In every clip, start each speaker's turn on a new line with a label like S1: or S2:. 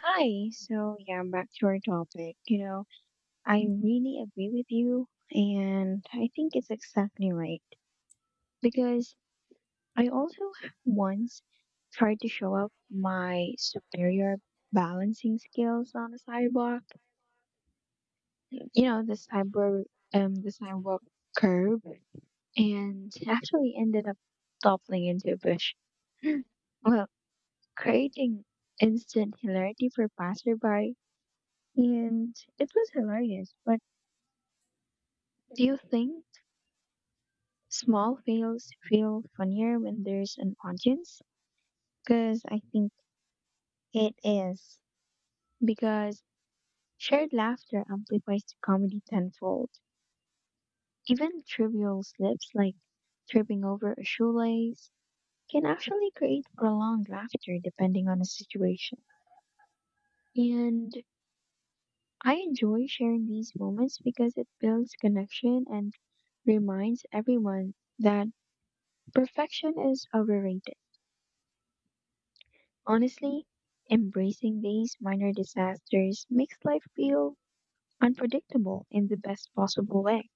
S1: Hi. So, yeah, back to our topic. You know, I really agree with you, and I think it's exactly right because I also once tried to show up my superior balancing skills on the sidewalk. You know, the sidewalk curb, and actually ended up toppling into a bush. Well, creating instant hilarity for passerby, and it was hilarious, but do you think small fails feel funnier when there's an audience? Because I think it is. Because shared laughter amplifies the comedy tenfold. Even trivial slips like tripping over a shoelace can actually create prolonged laughter depending on the situation. And I enjoy sharing these moments because it builds connection and reminds everyone that perfection is overrated. Honestly, embracing these minor disasters makes life feel unpredictable in the best possible way.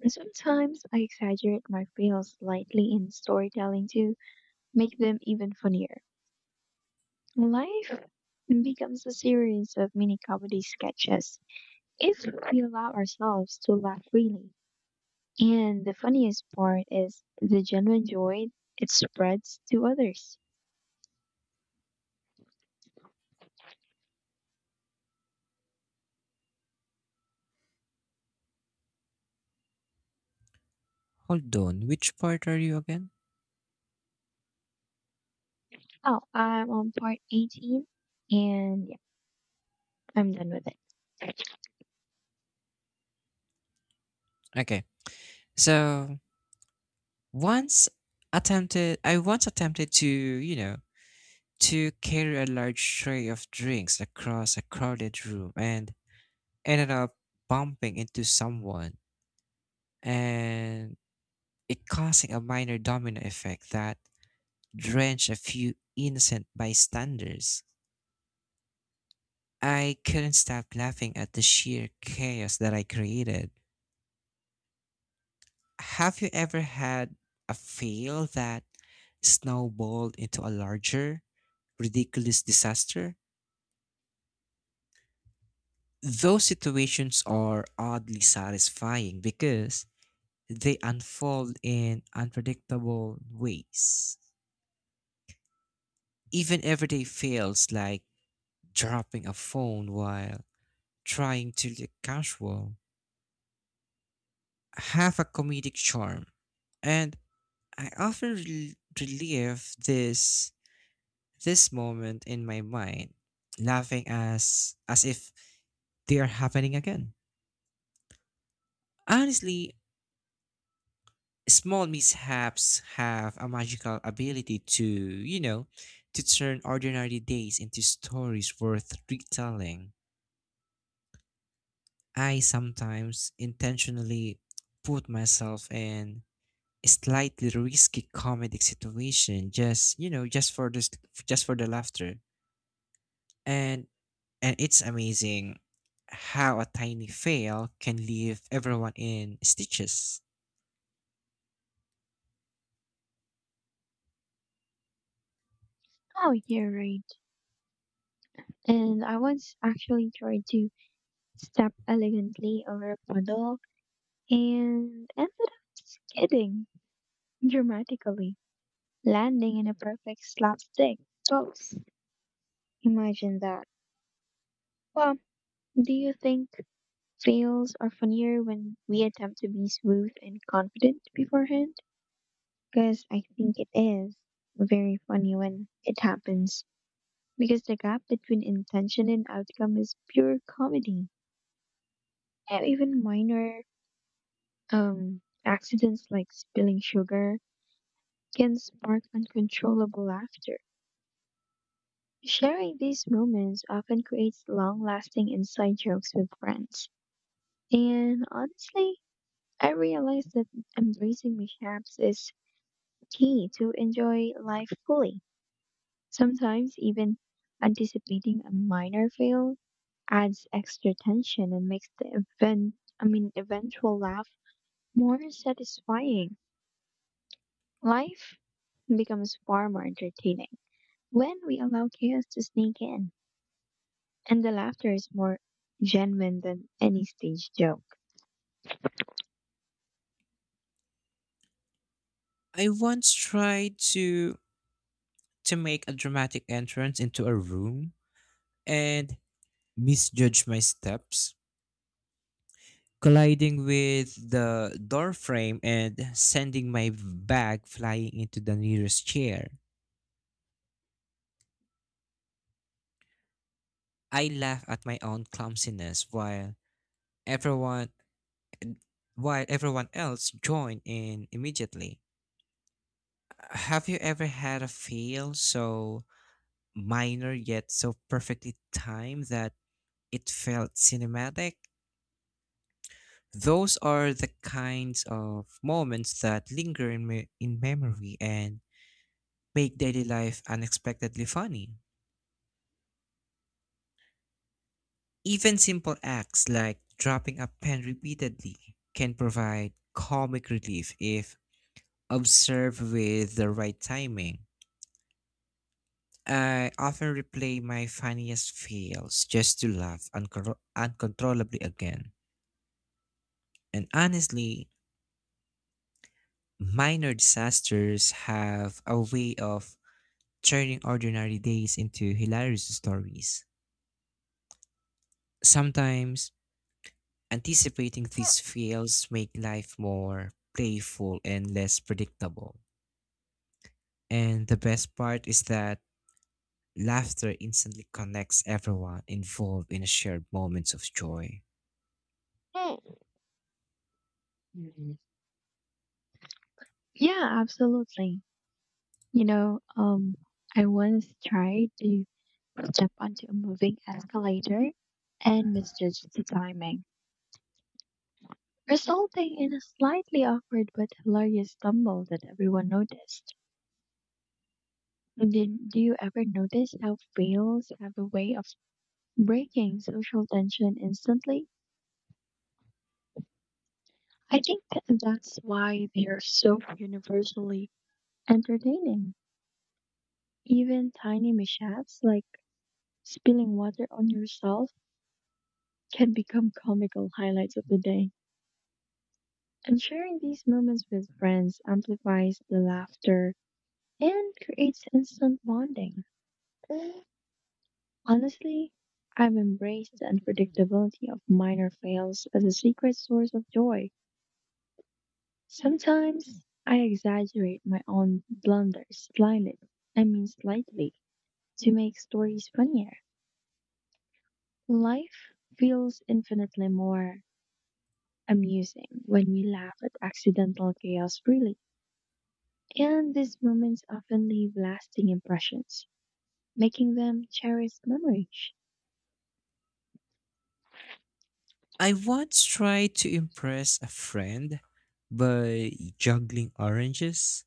S1: And sometimes I exaggerate my fails slightly in storytelling to make them even funnier. Life becomes a series of mini comedy sketches if we allow ourselves to laugh freely. And the funniest part is the genuine joy it spreads to others.
S2: Hold on, which part are you again?
S1: Oh, I'm on part 18, and yeah, I'm done with it.
S2: Okay. So once attempted I once attempted to, to carry a large tray of drinks across a crowded room and ended up bumping into someone and it causing a minor domino effect that drenched a few innocent bystanders. I couldn't stop laughing at the sheer chaos that I created. Have you ever had a fail that snowballed into a larger, ridiculous disaster? Those situations are oddly satisfying because they unfold in unpredictable ways. Even everyday fails like dropping a phone while trying to look casual have a comedic charm. And I often relive this moment in my mind, laughing as if they are happening again. Honestly, small mishaps have a magical ability to, to turn ordinary days into stories worth retelling. I sometimes intentionally put myself in a slightly risky comedic situation just, you know, just for this just for the laughter. And And it's amazing how a tiny fail can leave everyone in stitches.
S1: Oh, you're right. And I once actually tried to step elegantly over a puddle and ended up skidding dramatically, landing in a perfect slapstick pose. Imagine that. Well, do you think fails are funnier when we attempt to be smooth and confident beforehand? Because I think it is very funny when it happens. Because the gap between intention and outcome is pure comedy. And even minor accidents like spilling sugar can spark uncontrollable laughter. Sharing these moments often creates long lasting inside jokes with friends. And honestly, I realized that embracing mishaps is key to enjoy life fully. Sometimes, even anticipating a minor fail adds extra tension and makes the eventual laugh more satisfying. Life becomes far more entertaining when we allow chaos to sneak in, and the laughter is more genuine than any stage joke.
S2: I once tried to make a dramatic entrance into a room and misjudged my steps, colliding with the door frame and sending my bag flying into the nearest chair. I laugh at my own clumsiness while everyone everyone else joined in immediately. Have you ever had a fail so minor yet so perfectly timed that it felt cinematic? Those are the kinds of moments that linger in memory and make daily life unexpectedly funny. Even simple acts like dropping a pen repeatedly can provide comic relief if observed with the right timing. I often replay my funniest fails just to laugh uncontrollably again. And honestly, minor disasters have a way of turning ordinary days into hilarious stories. Sometimes, anticipating these fails make life more playful and less predictable. And the best part is that laughter instantly connects everyone involved in a shared moments of joy.
S1: Hmm. Mhm. Yeah, absolutely. You know, I once tried to step onto a moving escalator and misjudged the timing, resulting in a slightly awkward but hilarious stumble that everyone noticed. Do you ever notice how fails have a way of breaking social tension instantly? I think that's why they're so universally entertaining. Even tiny mishaps like spilling water on yourself can become comical highlights of the day. And sharing these moments with friends amplifies the laughter and creates instant bonding. Honestly, I've embraced the unpredictability of minor fails as a secret source of joy. Sometimes I exaggerate my own blunders slightly, I mean slightly, to make stories funnier. Life feels infinitely more amusing when we laugh at accidental chaos freely. And these moments often leave lasting impressions, making them cherished memories.
S2: I once tried to impress a friend by juggling oranges.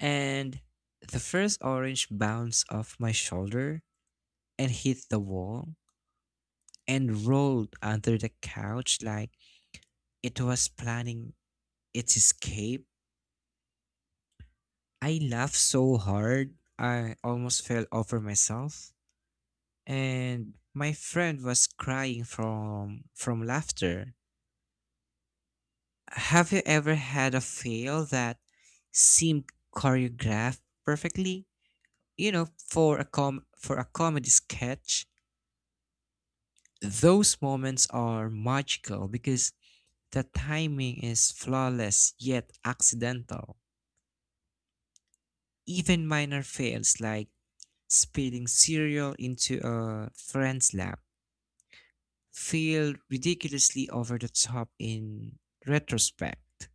S2: And the first orange bounced off my shoulder and hit the wall and rolled under the couch like it was planning its escape. I laughed so hard, I almost fell over myself. And my friend was crying from laughter. Have you ever had a fail that seemed choreographed perfectly? You know, for a comedy sketch. Those moments are magical because the timing is flawless yet accidental. Even minor fails like spilling cereal into a friend's lap feel ridiculously over the top in retrospect.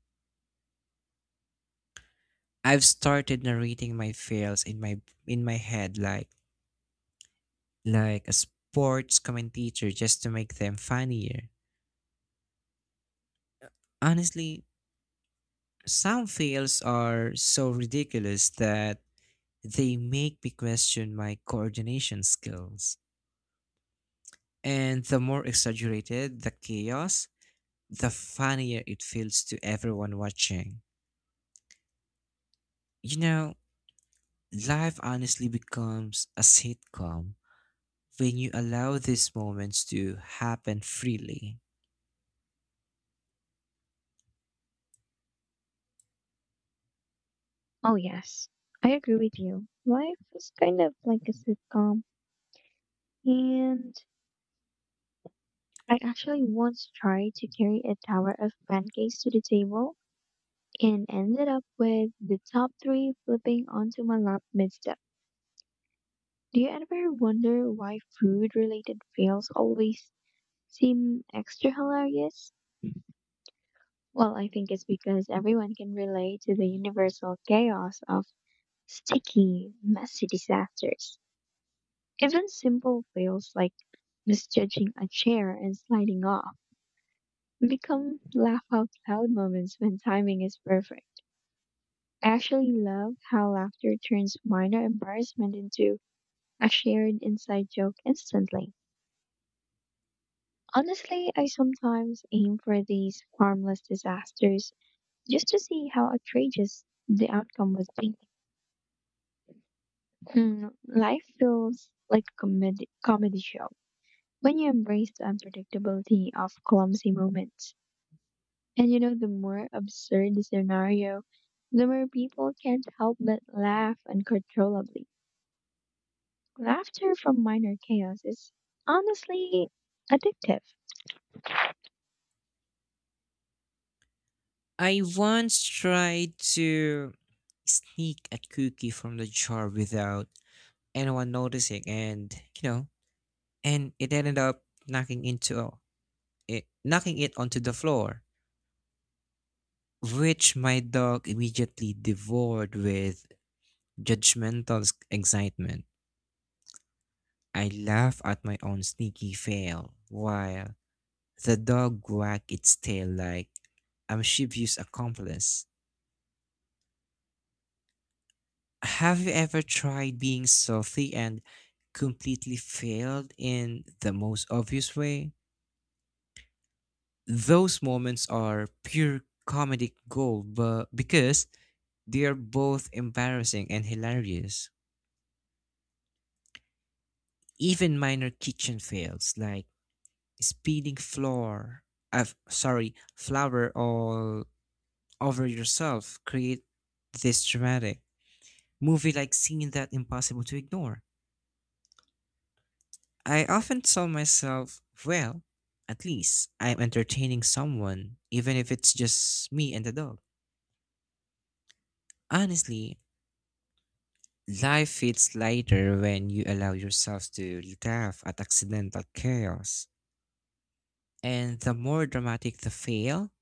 S2: I've started narrating my fails in my head like a sports commentator just to make them funnier. Honestly, some fails are so ridiculous that they make me question my coordination skills. And the more exaggerated the chaos, the funnier it feels to everyone watching. You know, life honestly becomes a sitcom when you allow these moments to happen freely.
S1: Oh, yes, I agree with you. Life is kind of like a sitcom, and I actually once tried to carry a tower of pancakes to the table and ended up with the top three flipping onto my lap midstep. Do you ever wonder why food related fails always seem extra hilarious? Well, I think it's because everyone can relate to the universal chaos of sticky, messy disasters. Even simple fails like misjudging a chair and sliding off become laugh out loud moments when timing is perfect. I actually love how laughter turns minor embarrassment into a shared inside joke instantly. Honestly, I sometimes aim for these harmless disasters just to see how outrageous the outcome would be. Hmm, life feels like a comedy show when you embrace the unpredictability of clumsy moments. And you know, the more absurd the scenario, the more people can't help but laugh uncontrollably. Laughter from minor chaos is honestly addictive.
S2: I once tried to sneak a cookie from the jar without anyone noticing and you know it ended up knocking it onto the floor, which my dog immediately devoured with excitement. I laugh at my own sneaky fail while the dog wagged its tail like I'm Shibu's accomplice. Have you ever tried being stealthy and completely failed in the most obvious way? Those moments are pure comedic gold, but because they are both embarrassing and hilarious. Even minor kitchen fails like spilling flour, flour all over yourself create this dramatic movie like scene that impossible to ignore. I often tell myself, well, at least I'm entertaining someone, even if it's just me and the dog. Honestly, life feels lighter when you allow yourself to laugh at accidental chaos. And the more dramatic the fail,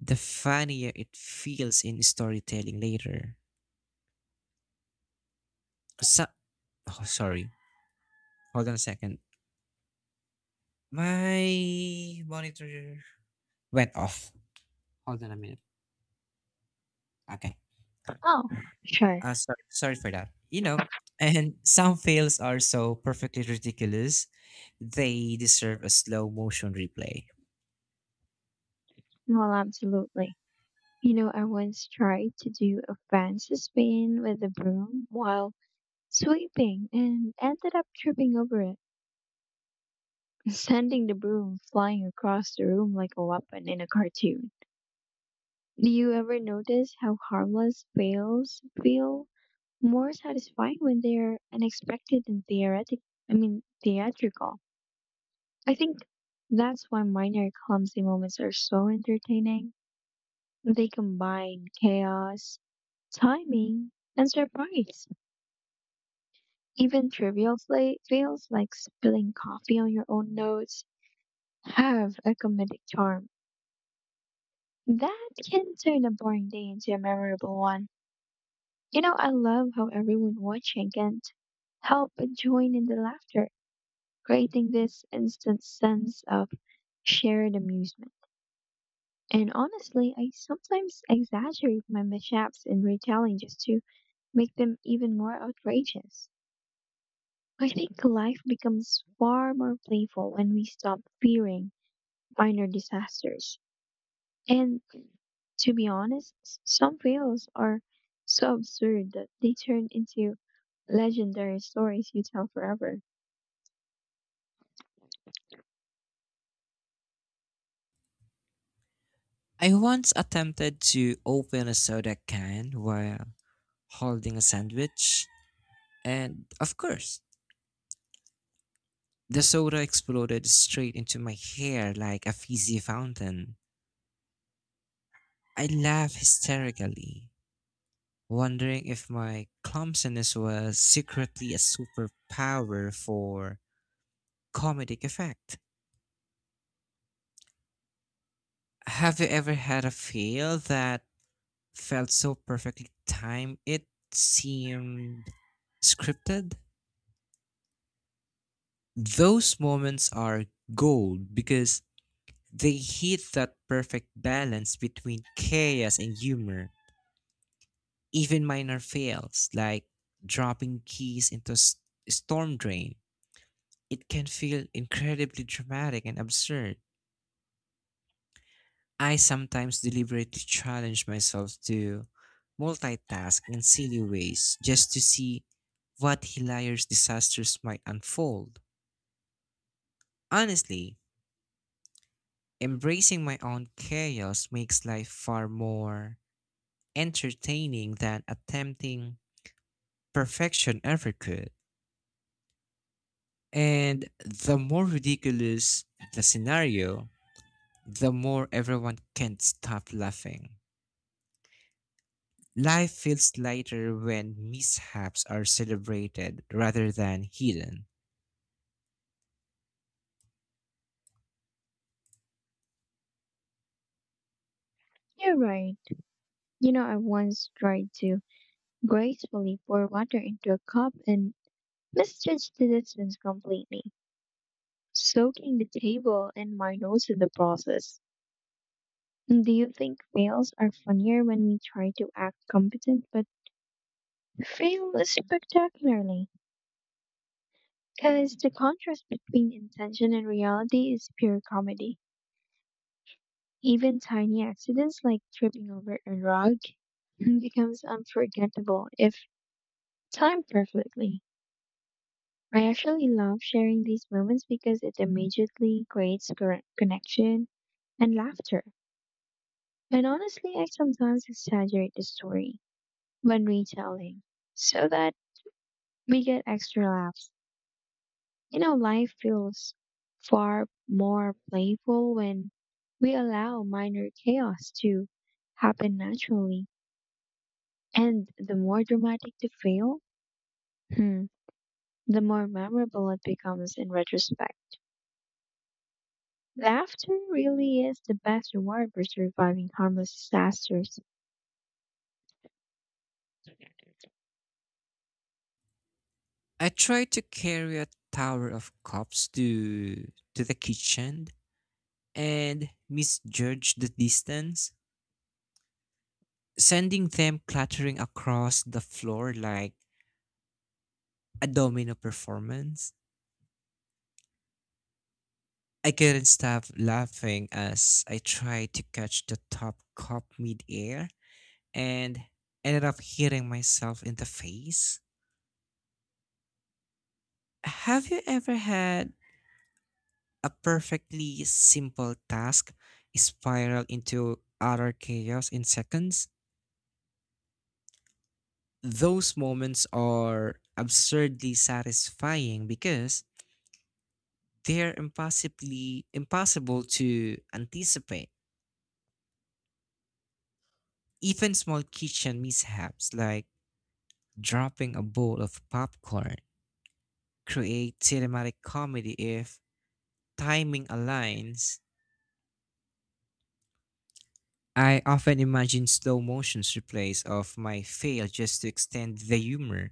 S2: the funnier it feels in storytelling later. So, oh, sorry. Hold on a second. My monitor went off. Hold on a minute. Okay.
S1: Oh, sure.
S2: Sorry, for that. You know, and some fails are so perfectly ridiculous, they deserve a slow motion replay.
S1: Well, absolutely. You know, I once tried to do a fancy spin with a broom while sweeping and ended up tripping over it, sending the broom flying across the room like a weapon in a cartoon. Do you ever notice how harmless fails feel more satisfying when they're unexpected and theatrical? I think that's why minor clumsy moments are so entertaining. They combine chaos, timing and surprise. Even trivial fails like spilling coffee on your own notes have a comedic charm that can turn a boring day into a memorable one. You know, I love how everyone watching can't help but join in the laughter, creating this instant sense of shared amusement. And honestly, I sometimes exaggerate my mishaps in retelling just to make them even more outrageous. I think life becomes far more playful when we stop fearing minor disasters. And to be honest, some fails are so absurd that they turn into legendary stories you tell forever.
S2: I once attempted to open a soda can while holding a sandwich, and of course, the soda exploded straight into my hair like a fizzy fountain. I laughed hysterically, wondering if my clumsiness was secretly a superpower for comedic effect. Have you ever had a fail that felt so perfectly timed it seemed scripted? Those moments are gold because they hit that perfect balance between chaos and humor. Even minor fails like dropping keys storm drain, it can feel incredibly dramatic and absurd. I sometimes deliberately challenge myself to multitask in silly ways just to see what hilarious disasters might unfold. Honestly, embracing my own chaos makes life far more entertaining than attempting perfection ever could. And the more ridiculous the scenario, the more everyone can't stop laughing. Life feels lighter when mishaps are celebrated rather than hidden.
S1: You're right. You know, I once tried to gracefully pour water into a cup and misjudged the distance completely, soaking the table and my nose in the process. Do you think fails are funnier when we try to act competent but fail spectacularly, because the contrast between intention and reality is pure comedy. Even tiny accidents like tripping over a rug becomes unforgettable if timed perfectly. I actually love sharing these moments because it immediately creates correct connection and laughter. And honestly, I sometimes exaggerate the story when retelling so that we get extra laughs. You know, life feels far more playful when we allow minor chaos to happen naturally. And the more dramatic the fail, hmm, the more memorable it becomes in retrospect. Laughter really is the best reward for surviving harmless disasters.
S2: I tried to carry a tower of cups to the kitchen and misjudged the distance, sending them clattering across the floor like a domino performance. I couldn't stop laughing as I tried to catch the top cup midair and ended up hitting myself in the face. Have you ever had a perfectly simple task spiral into utter chaos in seconds? Those moments are absurdly satisfying because they're impossibly impossible to anticipate. Even small kitchen mishaps like dropping a bowl of popcorn, create cinematic comedy if timing aligns. I often imagine slow motions replays of my fail just to extend the humor.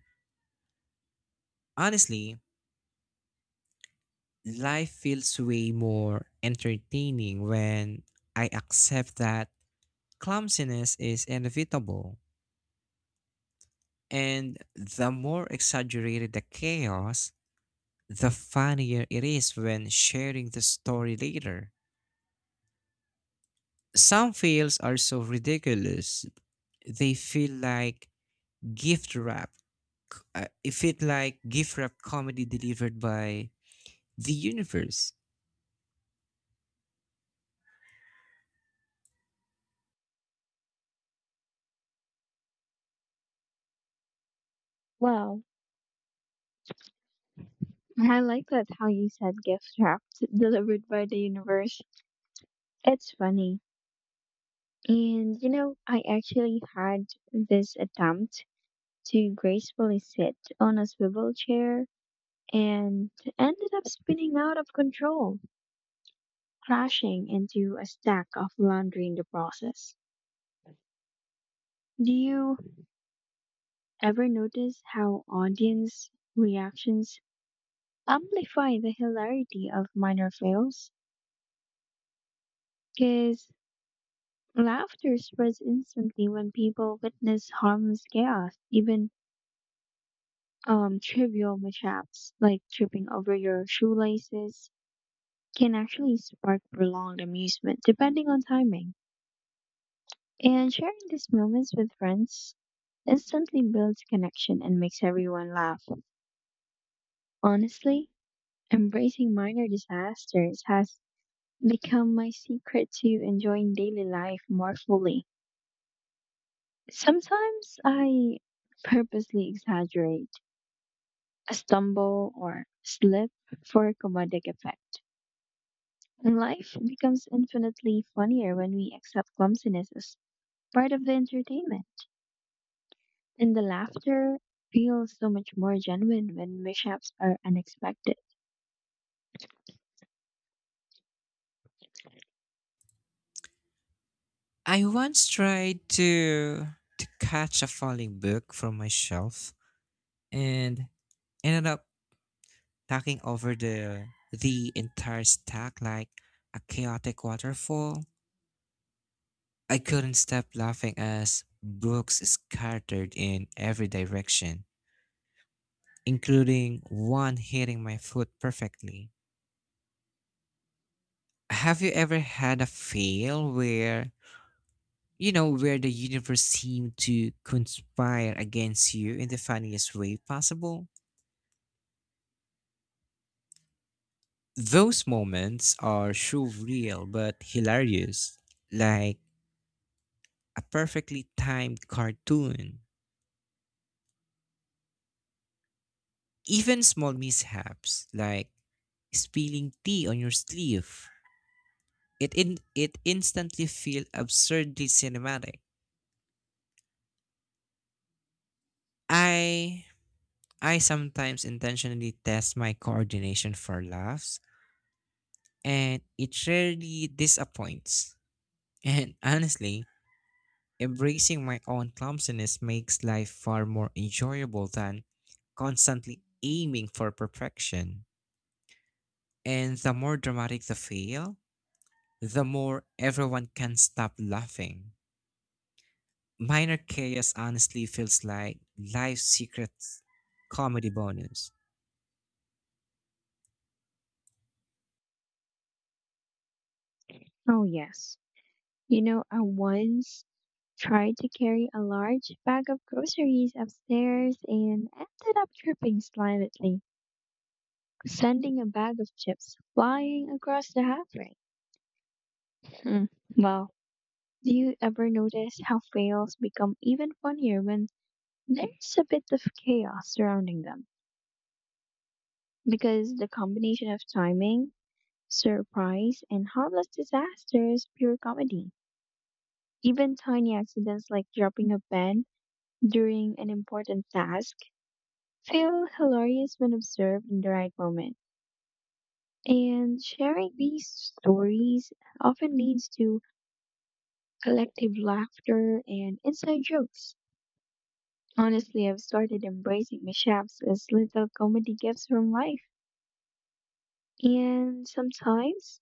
S2: Honestly, life feels way more entertaining when I accept that clumsiness is inevitable. And the more exaggerated the chaos, the funnier it is when sharing the story later. Some fails are so ridiculous, they feel like gift wrap. It felt like gift wrap comedy delivered by the universe.
S1: Well, I like that how you said gift wrapped, delivered by the universe. It's funny. And you know, I actually had this attempt to gracefully sit on a swivel chair and ended up spinning out of control, crashing into a stack of laundry in the process. Do you ever notice how audience reactions amplify the hilarity of minor fails? Because laughter spreads instantly when people witness harmless chaos, even trivial mishaps like tripping over your shoelaces can actually spark prolonged amusement depending on timing. And sharing these moments with friends instantly builds connection and makes everyone laugh. Honestly, embracing minor disasters has become my secret to enjoying daily life more fully. Sometimes I purposely exaggerate a stumble or slip for comedic effect. And life becomes infinitely funnier when we accept clumsiness as part of the entertainment. And the laughter feels so much more genuine when mishaps are unexpected.
S2: I once tried to catch a falling book from my shelf and ended up knocking over the entire stack like a chaotic waterfall. I couldn't stop laughing as books scattered in every direction, including one hitting my foot perfectly. Have you ever had a fail where, you know, where the universe seemed to conspire against you in the funniest way possible? Those moments are so real but hilarious, like a perfectly timed cartoon. Even small mishaps, like spilling tea on your sleeve, it instantly feel absurdly cinematic. I I sometimes intentionally test my coordination for laughs, and it rarely disappoints. And honestly, embracing my own clumsiness makes life far more enjoyable than constantly aiming for perfection. And the more dramatic the fail, the more everyone can stop laughing. Minor chaos honestly feels like life's secret comedy bonus.
S1: Oh, yes. You know, I once tried to carry a large bag of groceries upstairs and ended up tripping slightly, sending a bag of chips flying across the halfway. Hmm. Well, do you ever notice how fails become even funnier when there's a bit of chaos surrounding them? Because the combination of timing, surprise and harmless disasters, pure comedy. Even tiny accidents like dropping a pen during an important task feel hilarious when observed in the right moment. And sharing these stories often leads to collective laughter and inside jokes. Honestly, I've started embracing mishaps as little comedy gifts from life. And sometimes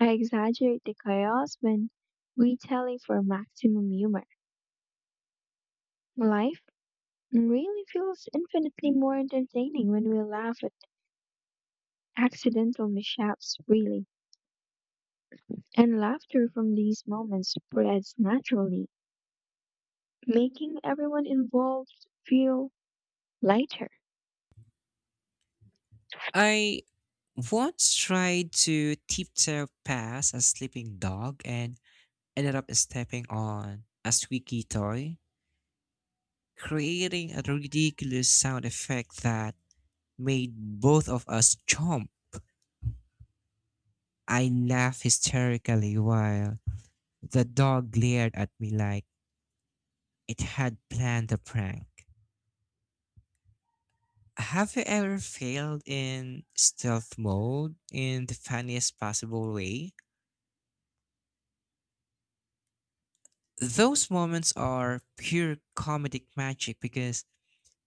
S1: I exaggerate the chaos when retelling for maximum humor. Life really feels infinitely more entertaining when we laugh at accidental mishaps freely. And laughter from these moments spreads naturally, making everyone involved feel lighter.
S2: I once tried to tiptoe past a sleeping dog and ended up stepping on a squeaky toy, creating a ridiculous sound effect that made both of us jump. I laughed hysterically while the dog glared at me like it had planned a prank. Have you ever failed in stealth mode in the funniest possible way? Those moments are pure comedic magic because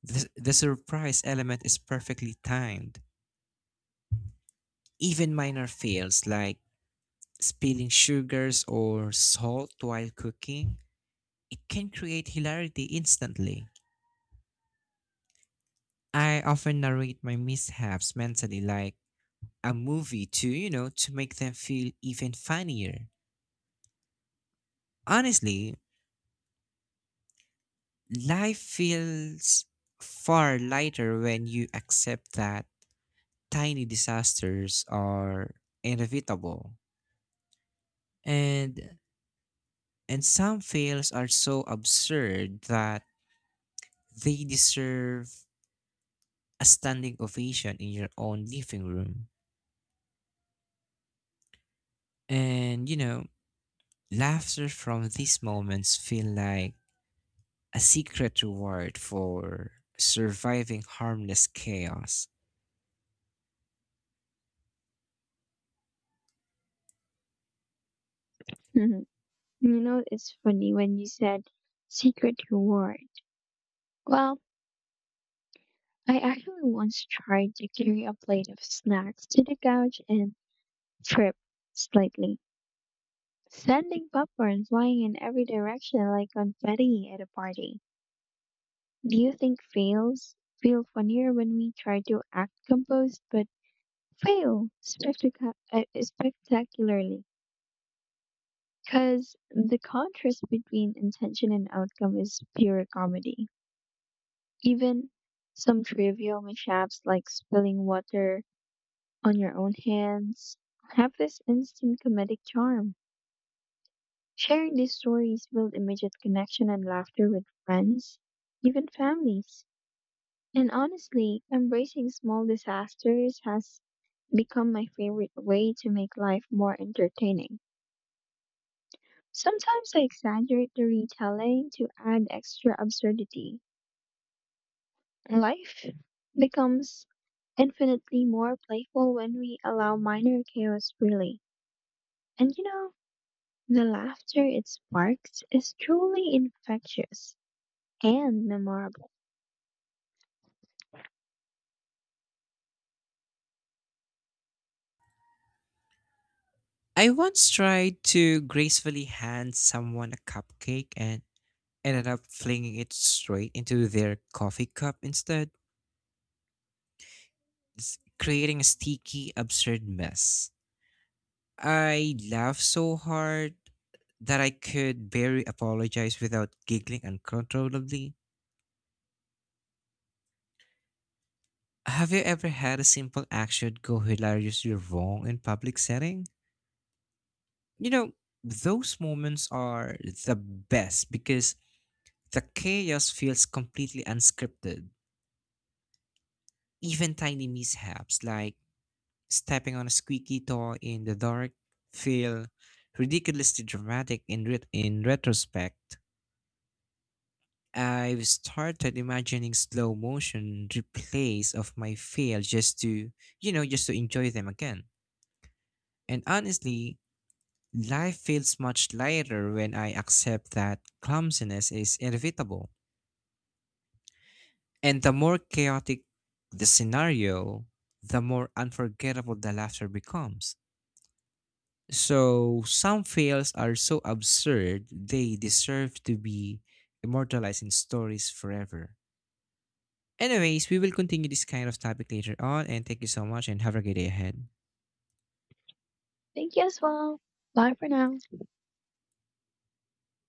S2: the surprise element is perfectly timed. Even minor fails like spilling sugars or salt while cooking, it can create hilarity instantly. I often narrate my mishaps mentally like a movie to, to make them feel even funnier. Honestly, life feels far lighter when you accept that tiny disasters are inevitable. And and some fails are so absurd that they deserve a standing ovation in your own living room. And you know, laughter from these moments feel like a secret reward for surviving harmless chaos.
S1: Mhm. You know, it's funny when you said secret reward. Well, I actually once tried to carry a plate of snacks to the couch and tripped slightly, sending popcorn flying in every direction like confetti at a party. Do you think fails feel funnier when we try to act composed but fail spectacularly? Because the contrast between intention and outcome is pure comedy. Even some trivial mishaps like spilling water on your own hands have this instant comedic charm. Sharing these stories build immediate connection and laughter with friends, even families. And honestly, embracing small disasters has become my favorite way to make life more entertaining. Sometimes I exaggerate the retelling to add extra absurdity. Life becomes infinitely more playful when we allow minor chaos freely. And you know, the laughter it sparks is truly infectious and memorable.
S2: I once tried to gracefully hand someone a cupcake and ended up flinging it straight into their coffee cup instead, creating a sticky, absurd mess. I laughed so hard that I could barely apologize without giggling uncontrollably. Have you ever had a simple action go hilariously wrong in public setting? You know, those moments are the best because the chaos feels completely unscripted. Even tiny mishaps like stepping on a squeaky toy in the dark feel ridiculously dramatic in retrospect. I've started imagining slow motion replays of my fail just to, just to enjoy them again. And honestly, life feels much lighter when I accept that clumsiness is inevitable. And the more chaotic the scenario, the more unforgettable the laughter becomes. So, some fails are so absurd, they deserve to be immortalized in stories forever. Anyways, we will continue this kind of topic later on, and thank you so much and have a great day ahead.
S1: Thank you as well. Bye for now.